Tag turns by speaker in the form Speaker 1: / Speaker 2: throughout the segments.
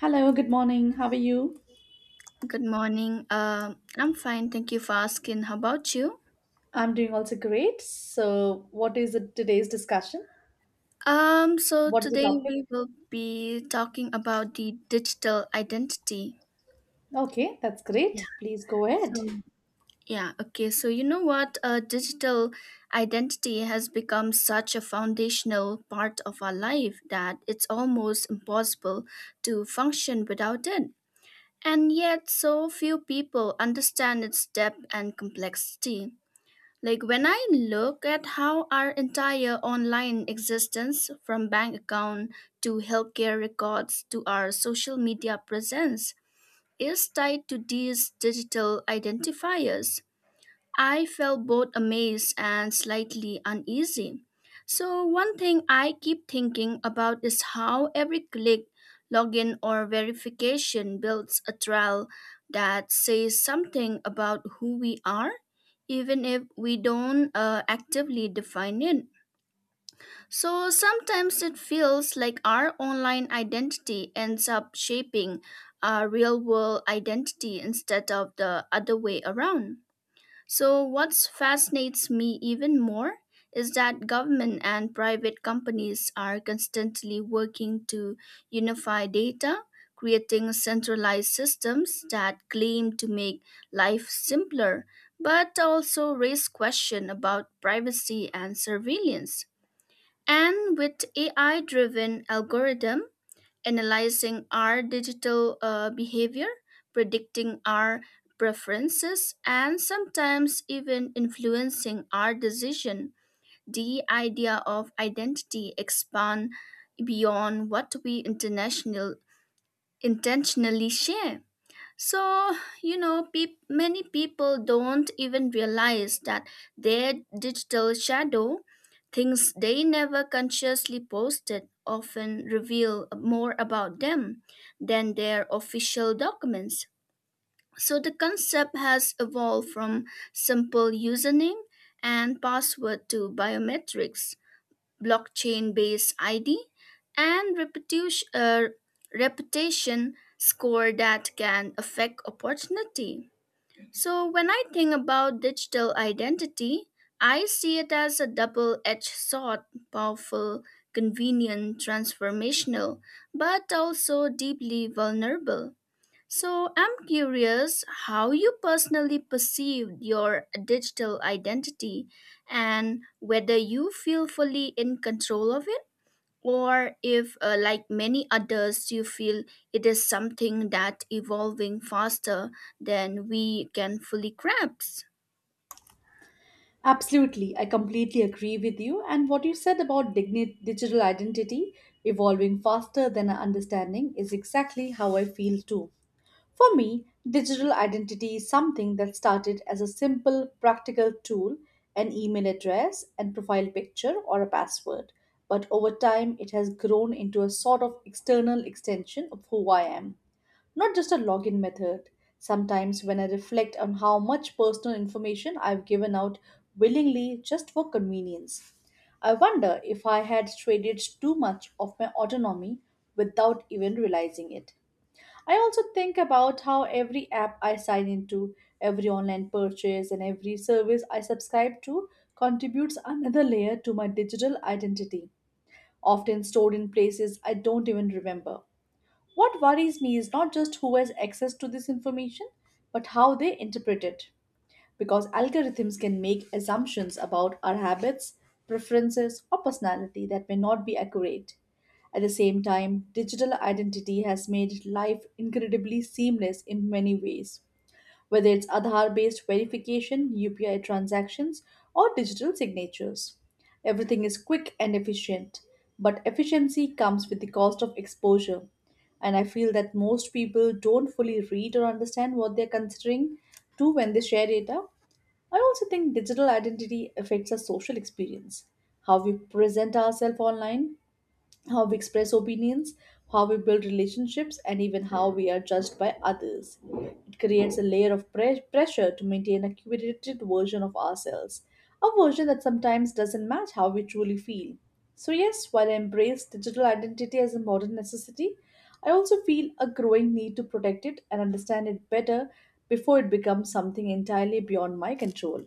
Speaker 1: Hello, good morning. How are you?
Speaker 2: Good morning. I'm fine. Thank you for asking. How about you?
Speaker 1: I'm doing also great. So, what is it today's discussion?
Speaker 2: So
Speaker 1: What is the
Speaker 2: today
Speaker 1: topic?
Speaker 2: we will be talking about the digital identity.
Speaker 1: Okay, that's
Speaker 2: Yeah.
Speaker 1: great. Please go ahead.
Speaker 2: So yeah, okay. So you know what? Digital identity has become such a foundational part of our life that it's almost impossible to function without it. And yet, so few people understand its depth and complexity. Like when I look at how our entire online existence, from bank account to healthcare records to our social media presence, is tied to these digital identifiers, I felt both amazed and slightly uneasy. So one thing I keep thinking about is how every click, login, or verification builds a trail that says something about who we are even if we don't actively define it. So sometimes it feels like our online identity ends up shaping our real world identity instead of the other way around. So what fascinates me even more is that government and private companies are constantly working to unify data, creating centralized systems that claim to make life simpler, but also raise questions about privacy and surveillance. And with AI driven algorithm, analyzing our digital behavior, predicting our preferences, and sometimes even influencing our decision. The idea of identity expand beyond what we international intentionally share. So, you know, peop many people don't even realize that their digital shadow, things they never consciously posted, often reveal more about them than their official documents. So the concept has evolved from simple username and password to biometrics blockchain based ID, and reputation score that can affect opportunity. So when I think about digital identity, I see it as a double edged sword, powerful, convenient, transformational, but also deeply vulnerable. So I'm curious how you personally perceive your digital identity and whether you feel fully in control of it or if like many others you feel it is something that evolving faster than we can fully grasp.
Speaker 1: Absolutely. I completely agree with you. And what you said about digital identity evolving faster than our understanding is exactly how I feel too. For me, digital identity is something that started as a simple, practical tool an email address and profile picture or a password. But over time, it has grown into a sort of external extension of who I am, not just a login method. Sometimes, when I reflect on how much personal information I've given out willingly just for convenience, I wonder if I had traded too much of my autonomy without even realizing it. I also think about how every app I sign into, every online purchase, and every service I subscribe to contributes another layer to my digital identity, often stored in places I don't even remember. What worries me is not just who has access to this information, but how they interpret it because algorithms can make assumptions about our habits, preferences, or personality that may not be accurate. At the same time, digital identity has made life incredibly seamless in many ways, whether it's Aadhaar based verification, UPI transactions, or digital signatures. Everything is quick and efficient, but efficiency comes with the cost of exposure. And I feel that most people don't fully read or understand what they're considering to when they share data, I also think digital identity affects our social experience, how we present ourselves online, how we express opinions, how we build relationships, and even how we are judged by others. It creates a layer of pressure to maintain a curated version of ourselves, a version that sometimes doesn't match how we truly feel. So, yes, while I embrace digital identity as a modern necessity, I also feel a growing need to protect it and understand it better before it becomes something entirely beyond my control.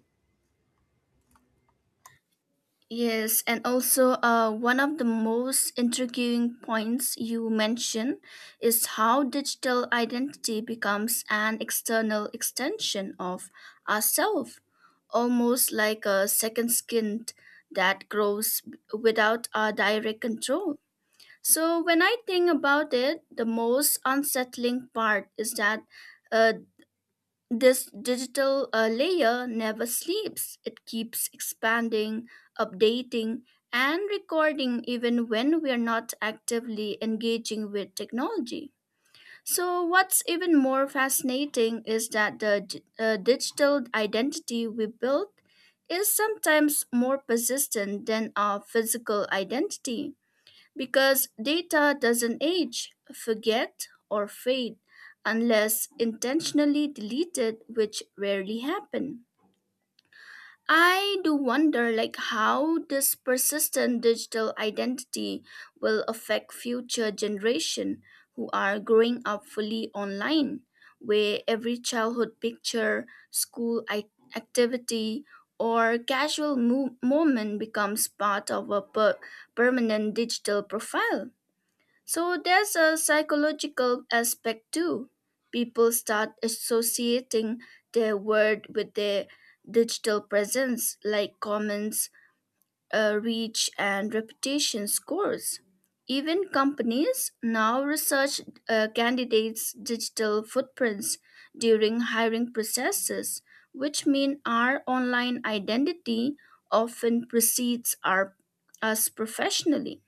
Speaker 2: Yes, and also one of the most intriguing points you mentioned is how digital identity becomes an external extension of ourself, almost like a second skin that grows without our direct control. So when I think about it, the most unsettling part is that uh, this digital layer never sleeps. It keeps expanding, updating, and recording even when we are not actively engaging with technology. So what's even more fascinating is that the digital identity we built is sometimes more persistent than our physical identity. Because data doesn't age, forget, or fade unless intentionally deleted, which rarely happen. I do wonder like how this persistent digital identity will affect future generation who are growing up fully online where every childhood picture, activity or casual moment becomes part of a permanent digital profile. So there's a psychological aspect too. People start associating their word with their digital presence, like comments, reach, and reputation scores. Even companies now research candidates' digital footprints during hiring processes, which mean our online identity often precedes us professionally.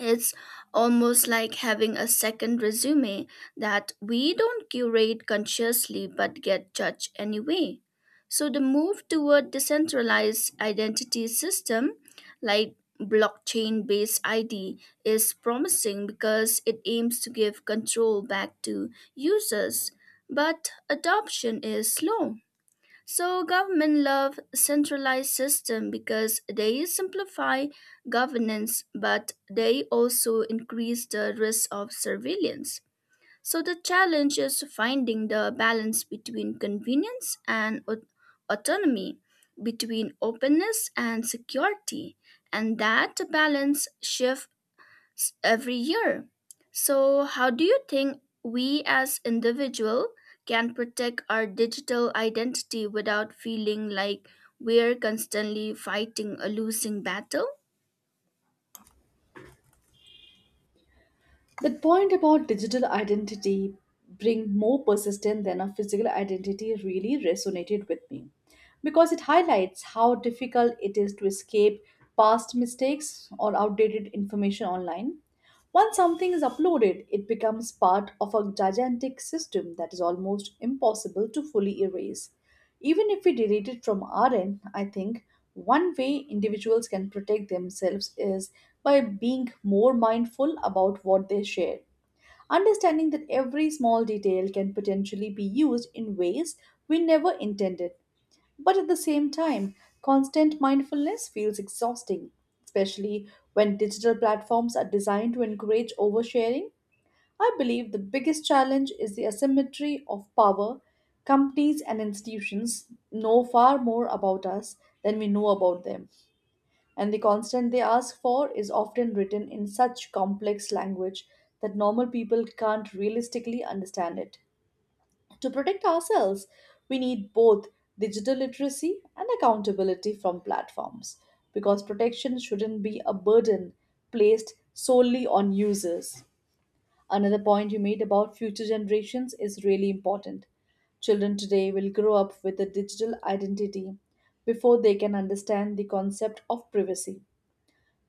Speaker 2: It's almost like having a second resume that we don't curate consciously but get judged anyway. So the move toward decentralized identity system like blockchain based ID is promising because it aims to give control back to users, but adoption is slow. So government love centralized system because they simplify governance but they also increase the risk of surveillance. So the challenge is finding the balance between convenience and autonomy, between openness and security, and that balance shift every year. So how do you think we as individual can protect our digital identity without feeling like we're constantly fighting a losing battle?
Speaker 1: That point about digital identity being more persistent than a physical identity really resonated with me because it highlights how difficult it is to escape past mistakes or outdated information online. Once something is uploaded, it becomes part of a gigantic system that is almost impossible to fully erase. Even if we delete it from our end, I think one way individuals can protect themselves is by being more mindful about what they share. Understanding that every small detail can potentially be used in ways we never intended. But at the same time, constant mindfulness feels exhausting, especially when digital platforms are designed to encourage oversharing. I believe the biggest challenge is the asymmetry of power. Companies and institutions know far more about us than we know about them, and the constant they ask for is often written in such complex language that normal people can't realistically understand it. To protect ourselves, we need both digital literacy and accountability from platforms because protection shouldn't be a burden placed solely on users. Another point you made about future generations is really important. Children today will grow up with a digital identity before they can understand the concept of privacy.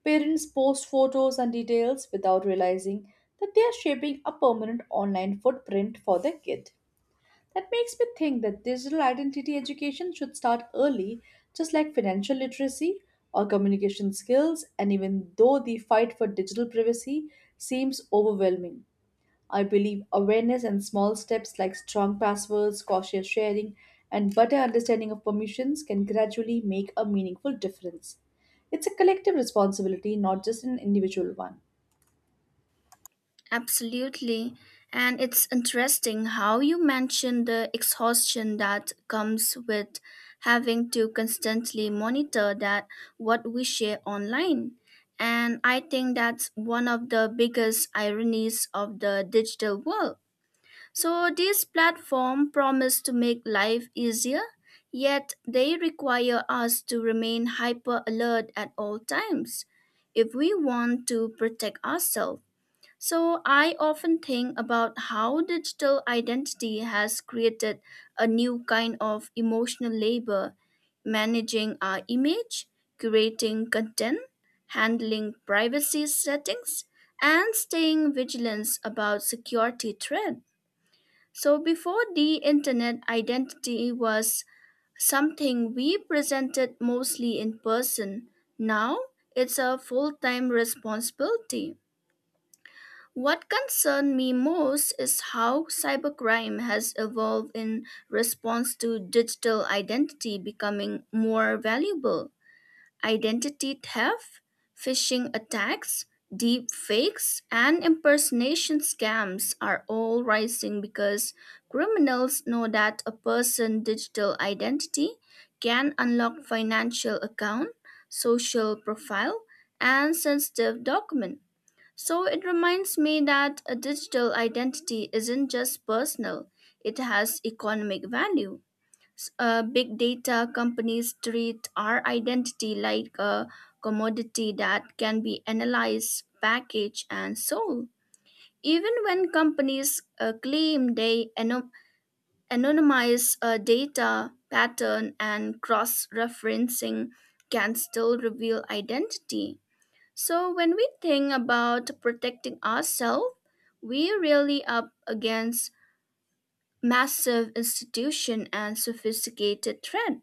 Speaker 1: Parents post photos and details without realizing that they are shaping a permanent online footprint for their kid. That makes me think that digital identity education should start early, just like financial literacy or communication skills, and even though the fight for digital privacy seems overwhelming, I believe awareness and small steps like strong passwords, cautious sharing, and better understanding of permissions can gradually make a meaningful difference. It's a collective responsibility, not just an individual one.
Speaker 2: Absolutely. And it's interesting how you mentioned the exhaustion that comes with having to constantly monitor that what we share online. And I think that's one of the biggest ironies of the digital world. So these platforms promise to make life easier, yet they require us to remain hyper alert at all times if we want to protect ourselves. So I often think about how digital identity has created a new kind of emotional labor, managing our image, curating content, handling privacy settings, and staying vigilant about security threats. So before the internet, identity was something we presented mostly in person. Now it's a full time responsibility. What concerned me most is how cybercrime has evolved in response to digital identity becoming more valuable identity theft, phishing attacks, deep fakes, and impersonation scams are all rising because criminals know that a person's digital identity can unlock financial account, social profile, and sensitive document. So it reminds me that a digital identity isn't just personal, it has economic value. Big data companies treat our identity like a commodity that can be analyzed, packaged, and sold. Even when companies claim they anonymize data, pattern, and cross referencing can still reveal identity. So when we think about protecting ourselves, we are really up against massive institution and sophisticated threat.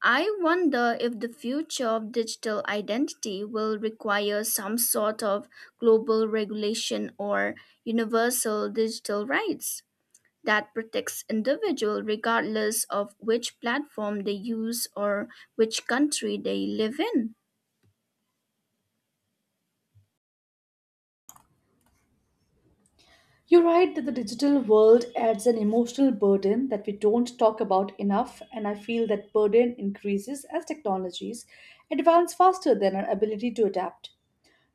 Speaker 2: I wonder if the future of digital identity will require some sort of global regulation or universal digital rights that protects individuals regardless of which platform they use or which country they live in.
Speaker 1: You're right that the digital world adds an emotional burden that we don't talk about enough, and I feel that burden increases as technologies advance faster than our ability to adapt.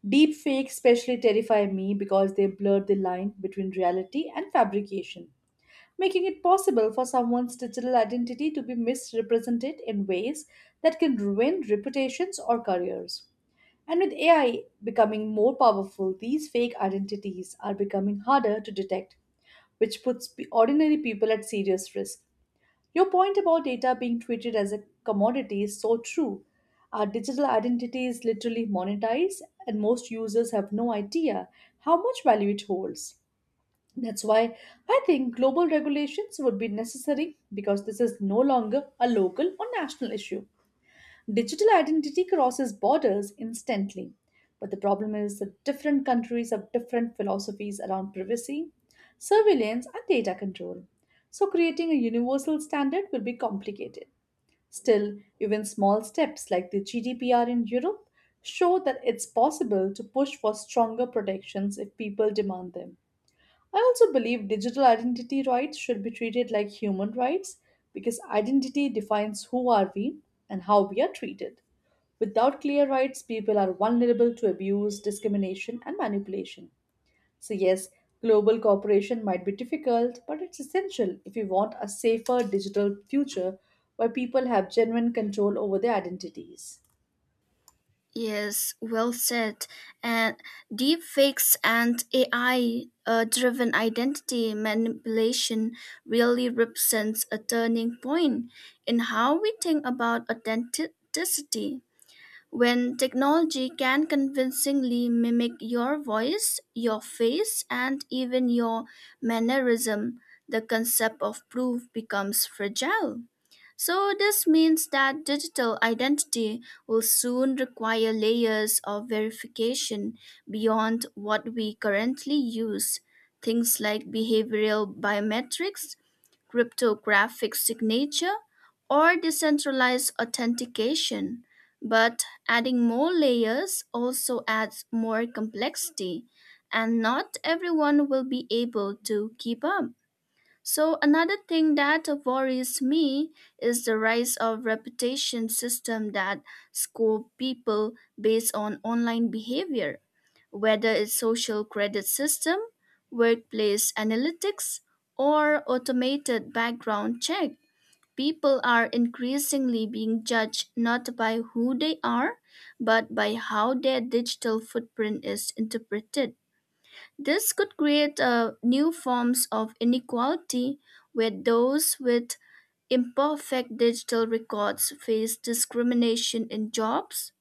Speaker 1: Deep fakes especially terrify me because they blur the line between reality and fabrication, making it possible for someone's digital identity to be misrepresented in ways that can ruin reputations or careers. And with AI becoming more powerful, these fake identities are becoming harder to detect which puts ordinary people at serious risk. Your point about data being treated as a commodity is so true. Our digital identity is literally monetized, and most users have no idea how much value it holds. That's why I think global regulations would be necessary because this is no longer a local or national issue. Digital identity crosses borders instantly, but the problem is that different countries have different philosophies around privacy, surveillance, and data control. So, creating a universal standard will be complicated. Still, even small steps like the GDPR in Europe show that it's possible to push for stronger protections if people demand them. I also believe digital identity rights should be treated like human rights because identity defines who are we and how we are treated. Without clear rights, people are vulnerable to abuse, discrimination, and manipulation. So, yes, global cooperation might be difficult, but it's essential if we want a safer digital future where people have genuine control over their identities.
Speaker 2: Yes, well said. And deepfakes and AI driven identity manipulation really represents a turning point in how we think about authenticity when technology can convincingly mimic your voice, your face, and even your mannerism, the concept of proof becomes fragile. So this means that digital identity will soon require layers of verification beyond what we currently use. Things like behavioral biometrics, cryptographic signature, or decentralized authentication. But adding more layers also adds more complexity, and not everyone will be able to keep up. So another thing that worries me is the rise of reputation system that score people based on online behavior, whether it's social credit system, workplace analytics, or automated background check. People are increasingly being judged not by who they are, but by how their digital footprint is interpreted. This could create new forms of inequality where those with imperfect digital records face discrimination in jobs,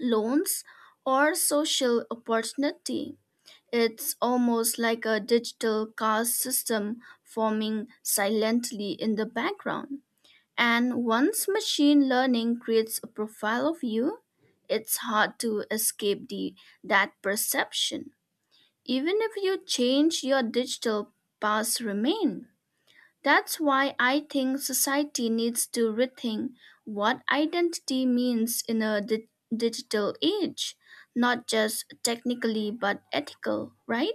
Speaker 2: loans, or social opportunity. It's almost like a digital caste system forming silently in the background. And once machine learning creates a profile of you, it's hard to escape the that perception. Even if you change your digital past remain. That's why I think society needs to rethink what identity means in a digital age, not just technically but ethical, right?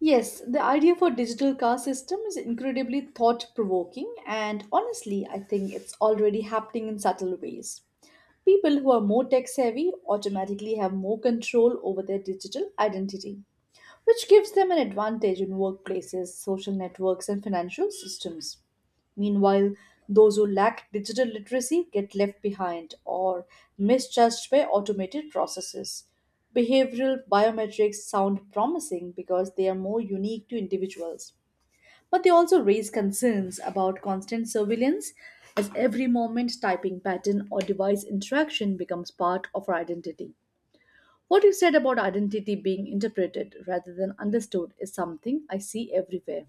Speaker 1: Yes, the idea for digital car system is incredibly thought provoking and honestly I think it's already happening in subtle ways. People who are more tech savvy automatically have more control over their digital identity which gives them an advantage in workplaces, social networks, and financial systems. Meanwhile, those who lack digital literacy get left behind or misjudged by automated processes. Behavioral biometrics sound promising because they are more unique to individuals. But they also raise concerns about constant surveillance, as every moment typing pattern or device interaction becomes part of our identity. What you said about identity being interpreted rather than understood is something I see everywhere.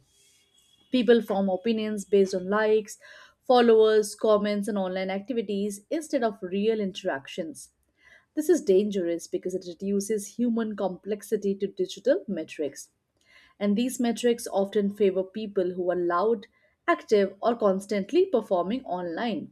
Speaker 1: People form opinions based on likes, followers, comments, and online activities instead of real interactions. This is dangerous because it reduces human complexity to digital metrics. And these metrics often favor people who are loud, active, or constantly performing online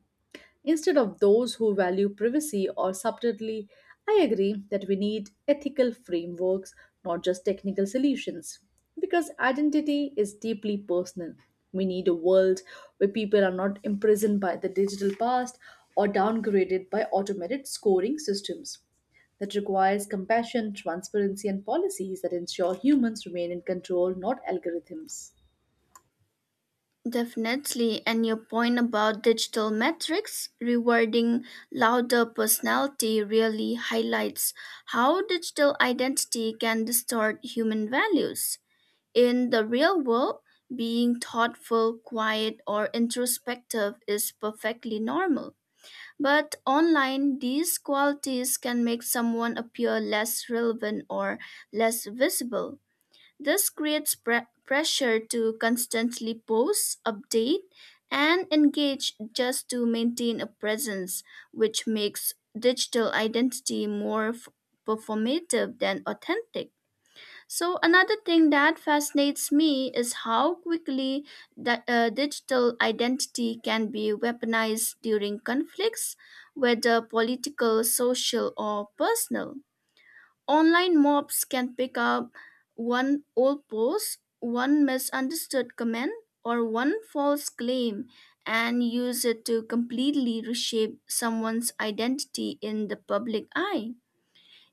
Speaker 1: instead of those who value privacy or subtlety. I agree that we need ethical frameworks, not just technical solutions, because identity is deeply personal. We need a world where people are not imprisoned by the digital past or downgraded by automated scoring systems that requires compassion, transparency, and policies that ensure humans remain in control, not algorithms.
Speaker 2: Definitely, and your point about digital metrics rewarding louder personality really highlights how digital identity can distort human values. In the real world, being thoughtful, quiet, or introspective is perfectly normal. But online, these qualities can make someone appear less relevant or less visible. This creates pressure to constantly post, update, and engage just to maintain a presence, which makes digital identity more performative than authentic. So another thing that fascinates me is how quickly that digital identity can be weaponized during conflicts, whether political, social, or personal. Online mobs can pick up one old post, one misunderstood comment, or one false claim and use it to completely reshape someone's identity in the public eye.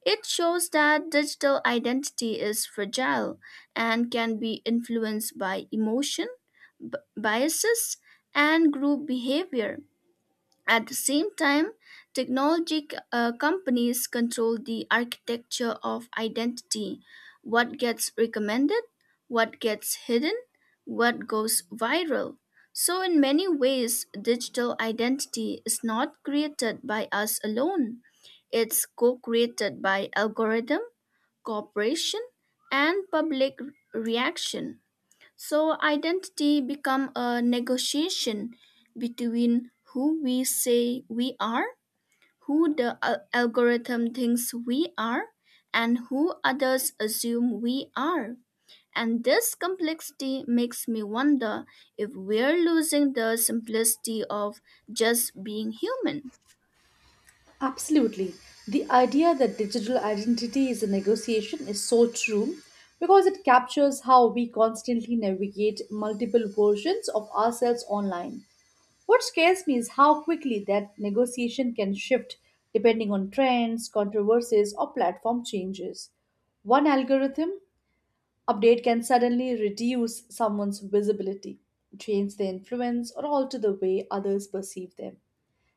Speaker 2: It shows that digital identity is fragile and can be influenced by emotion, biases, and group behavior at the same time, technology companies control the architecture of identity what gets recommended, what gets hidden, what goes viral. So in many ways, digital identity is not created by us alone, it's co created by algorithm, cooperation, and public reaction. So identity become a negotiation between who we say we are, who the algorithm thinks we are, and who others assume we are. And this complexity makes me wonder if we're losing the simplicity of just being human.
Speaker 1: Absolutely. The idea that digital identity is a negotiation is so true because it captures how we constantly navigate multiple versions of ourselves online. What scares me is how quickly that negotiation can shift depending on trends, controversies, or platform changes. One algorithm update can suddenly reduce someone's visibility, change their influence, or alter the way others perceive them.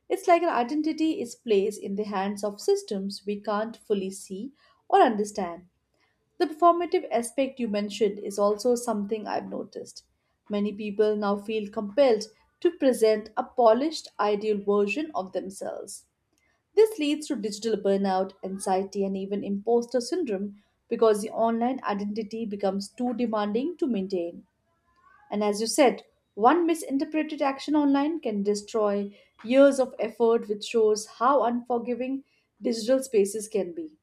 Speaker 1: It's like our identity is placed in the hands of systems we can't fully see or understand. The performative aspect you mentioned is also something I've noticed. Many people now feel compelled to present a polished, ideal version of themselves. This leads to digital burnout, anxiety, and even imposter syndrome because the online identity becomes too demanding to maintain. And as you said, one misinterpreted action online can destroy years of effort, which shows how unforgiving digital spaces can be.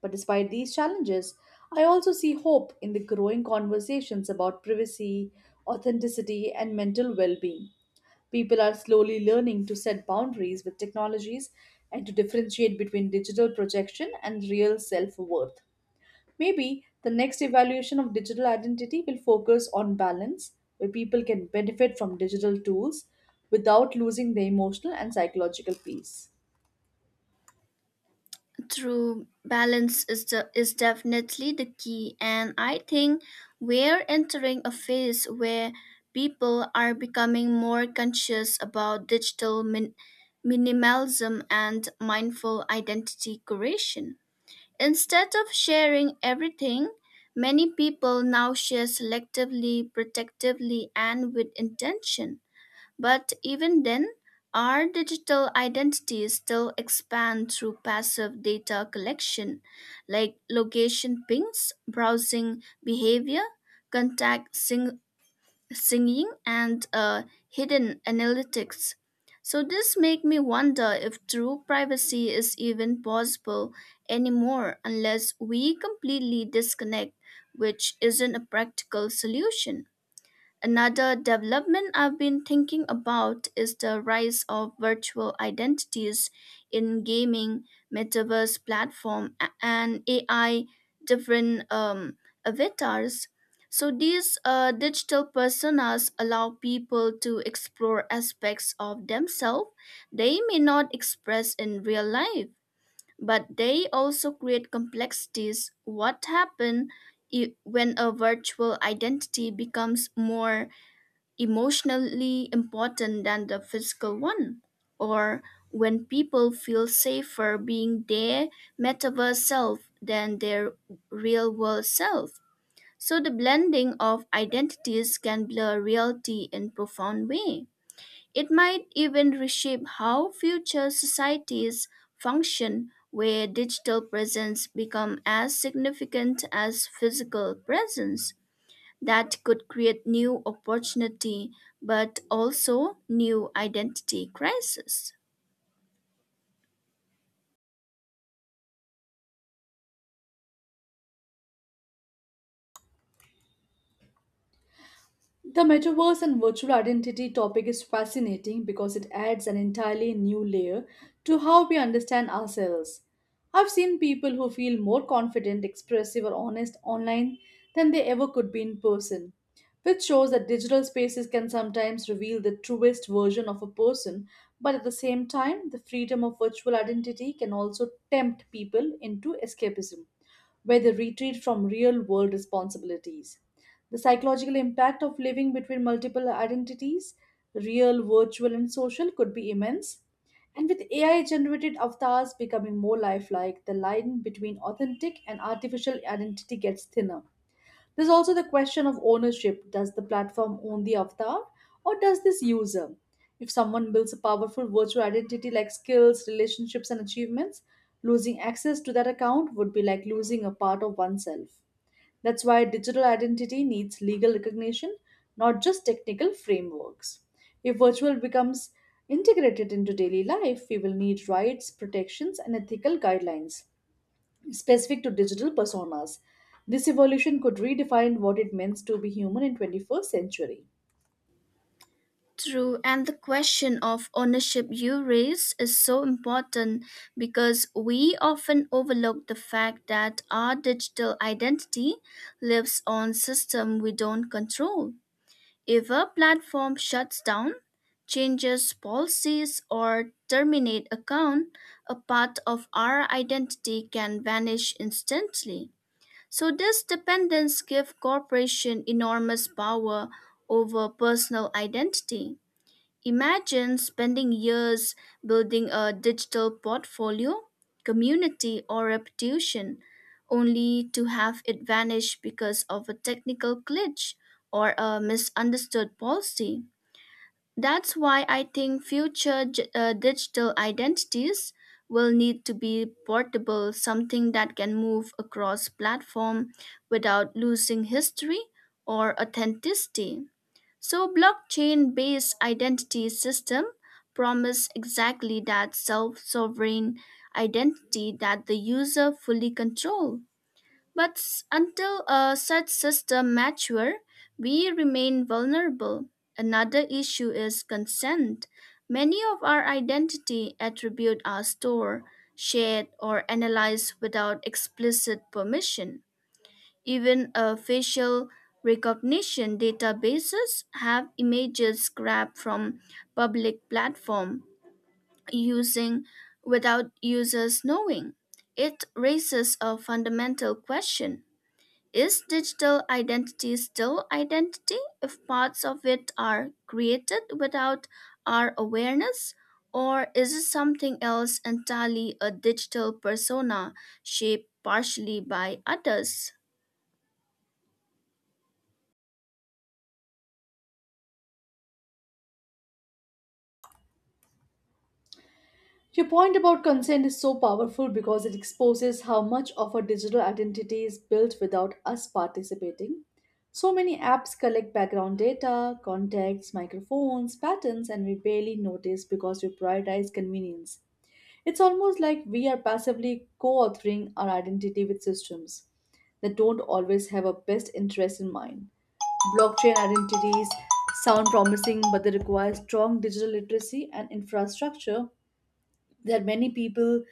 Speaker 1: But despite these challenges, I also see hope in the growing conversations about privacy, authenticity, and mental well being. People are slowly learning to set boundaries with technologies and to differentiate between digital projection and real self worth. Maybe the next evaluation of digital identity will focus on balance, where people can benefit from digital tools without losing their emotional and psychological peace.
Speaker 2: True balance is definitely the key, and I think we're entering a phase where people are becoming more conscious about digital minimalism and mindful identity creation. Instead of sharing everything, many people now share selectively, protectively, and with intention. But even then, our digital identities still expand through passive data collection, like location pings, browsing behavior, contact singing, and hidden analytics. So this make me wonder if true privacy is even possible anymore unless we completely disconnect, which isn't a practical solution. Another development I've been thinking about is the rise of virtual identities in gaming, metaverse platform, and AI different avatars. So these digital personas allow people to explore aspects of themselves they may not express in real life, but they also create complexities. What happens when a virtual identity becomes more emotionally important than the physical one, or when people feel safer being their metaverse self than their real world self. So the blending of identities can blur reality in profound way. It might even reshape how future societies function where digital presence become as significant as physical presence that could create new opportunity but also new identity crisis.
Speaker 1: The metaverse and virtual identity topic is fascinating because it adds an entirely new layer to how we understand ourselves. I've seen people who feel more confident, expressive, or honest online than they ever could be in person, which shows that digital spaces can sometimes reveal the truest version of a person, but at the same time, the freedom of virtual identity can also tempt people into escapism where they retreat from real world responsibilities. The psychological impact of living between multiple identities, real, virtual, and social, could be immense. And with AI generated avatars becoming more lifelike, the line between authentic and artificial identity gets thinner. There's also the question of ownership. Does the platform own the avatar or does this user? If someone builds a powerful virtual identity like skills, relationships, and achievements, losing access to that account would be like losing a part of oneself. That's why digital identity needs legal recognition, not just technical frameworks. If virtual becomes integrated into daily life, we will need rights, protections, and ethical guidelines specific to digital personas. This evolution could redefine what it means to be human in 21st century.
Speaker 2: True, and the question of ownership you raise is so important because we often overlook the fact that our digital identity lives on system we don't control. If a platform shuts down, changes policies or terminate account, a part of our identity can vanish instantly. So this dependence gives corporation enormous power over personal identity. Imagine spending years building a digital portfolio, community, or reputation, only to have it vanish because of a technical glitch or a misunderstood policy. That's why I think future digital identities will need to be portable, something that can move across platform without losing history or authenticity. So blockchain-based identity system promise exactly that self-sovereign identity that the user fully control. But until such system mature, we remain vulnerable. Another issue is consent. Many of our identity attribute are stored, shared, or analyzed without explicit permission. Even facial recognition databases have images grabbed from public platform using without users knowing. It raises a fundamental question is digital identity still identity if parts of it are created without our awareness? Or is it something else entirely a digital persona shaped partially by others?
Speaker 1: Your point about consent is so powerful because it exposes how much of our digital identity is built without us participating. So many apps collect background data, contacts, microphones, patterns, and we barely notice because we prioritize convenience. It's almost like we are passively co authoring our identity with systems that don't always have our best interest in mind. Blockchain identities sound promising, but they require strong digital literacy and infrastructure that many people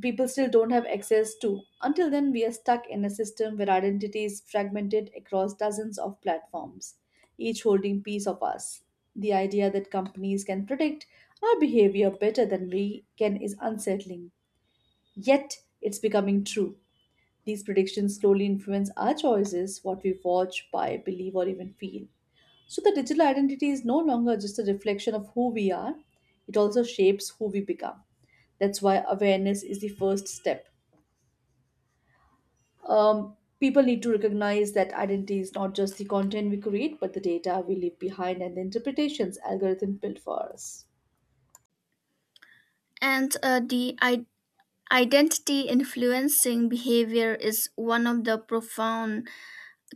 Speaker 1: people still don't have access to. Until then, we are stuck in a system where identity is fragmented across dozens of platforms, each holding piece of us. The idea that companies can predict our behavior better than we can is unsettling. Yet, it's becoming true. These predictions slowly influence our choices, what we watch, buy, believe, or even feel. So the digital identity is no longer just a reflection of who we are, it also shapes who we become. That's why awareness is the first step. People need to recognize that identity is not just the content we create, but the data we leave behind and the interpretations algorithm built for us.
Speaker 2: And the identity influencing behavior is one of the profound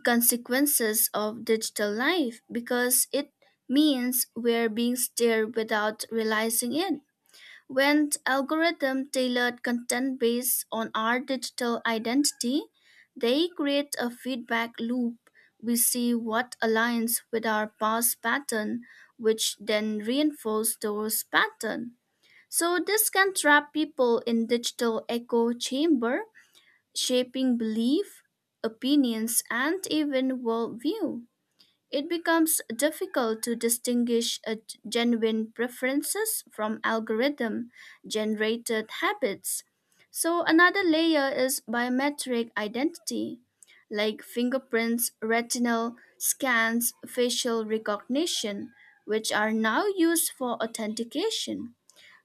Speaker 2: consequences of digital life because it means we're being steered without realizing it when algorithms tailor content based on our digital identity, they create a feedback loop. We see what aligns with our past pattern, which then reinforce those patterns. So this can trap people in digital echo chamber, shaping belief, opinions, and even worldview. It becomes difficult to distinguish genuine preferences from algorithm generated habits. So another layer is biometric identity, like fingerprints, retinal scans, facial recognition, which are now used for authentication.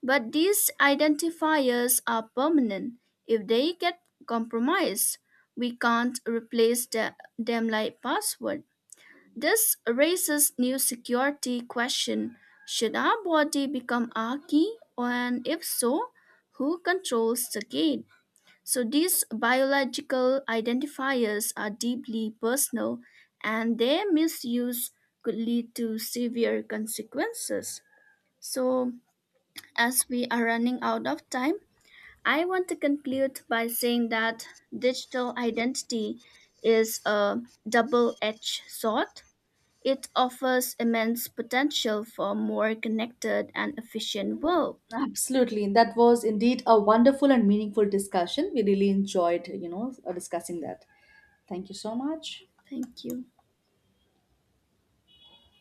Speaker 2: But these identifiers are permanent. If they get compromised, we can't replace them like password. This raises new security question. Should our body become our key? And if so, who controls the gate? So these biological identifiers are deeply personal and their misuse could lead to severe consequences. So as we are running out of time, I want to conclude by saying that digital identity is a double-edged sword it offers immense potential for a more connected and efficient world.
Speaker 1: Absolutely, and that was indeed a wonderful and meaningful discussion. We really enjoyed, discussing that. Thank you so much.
Speaker 2: Thank you.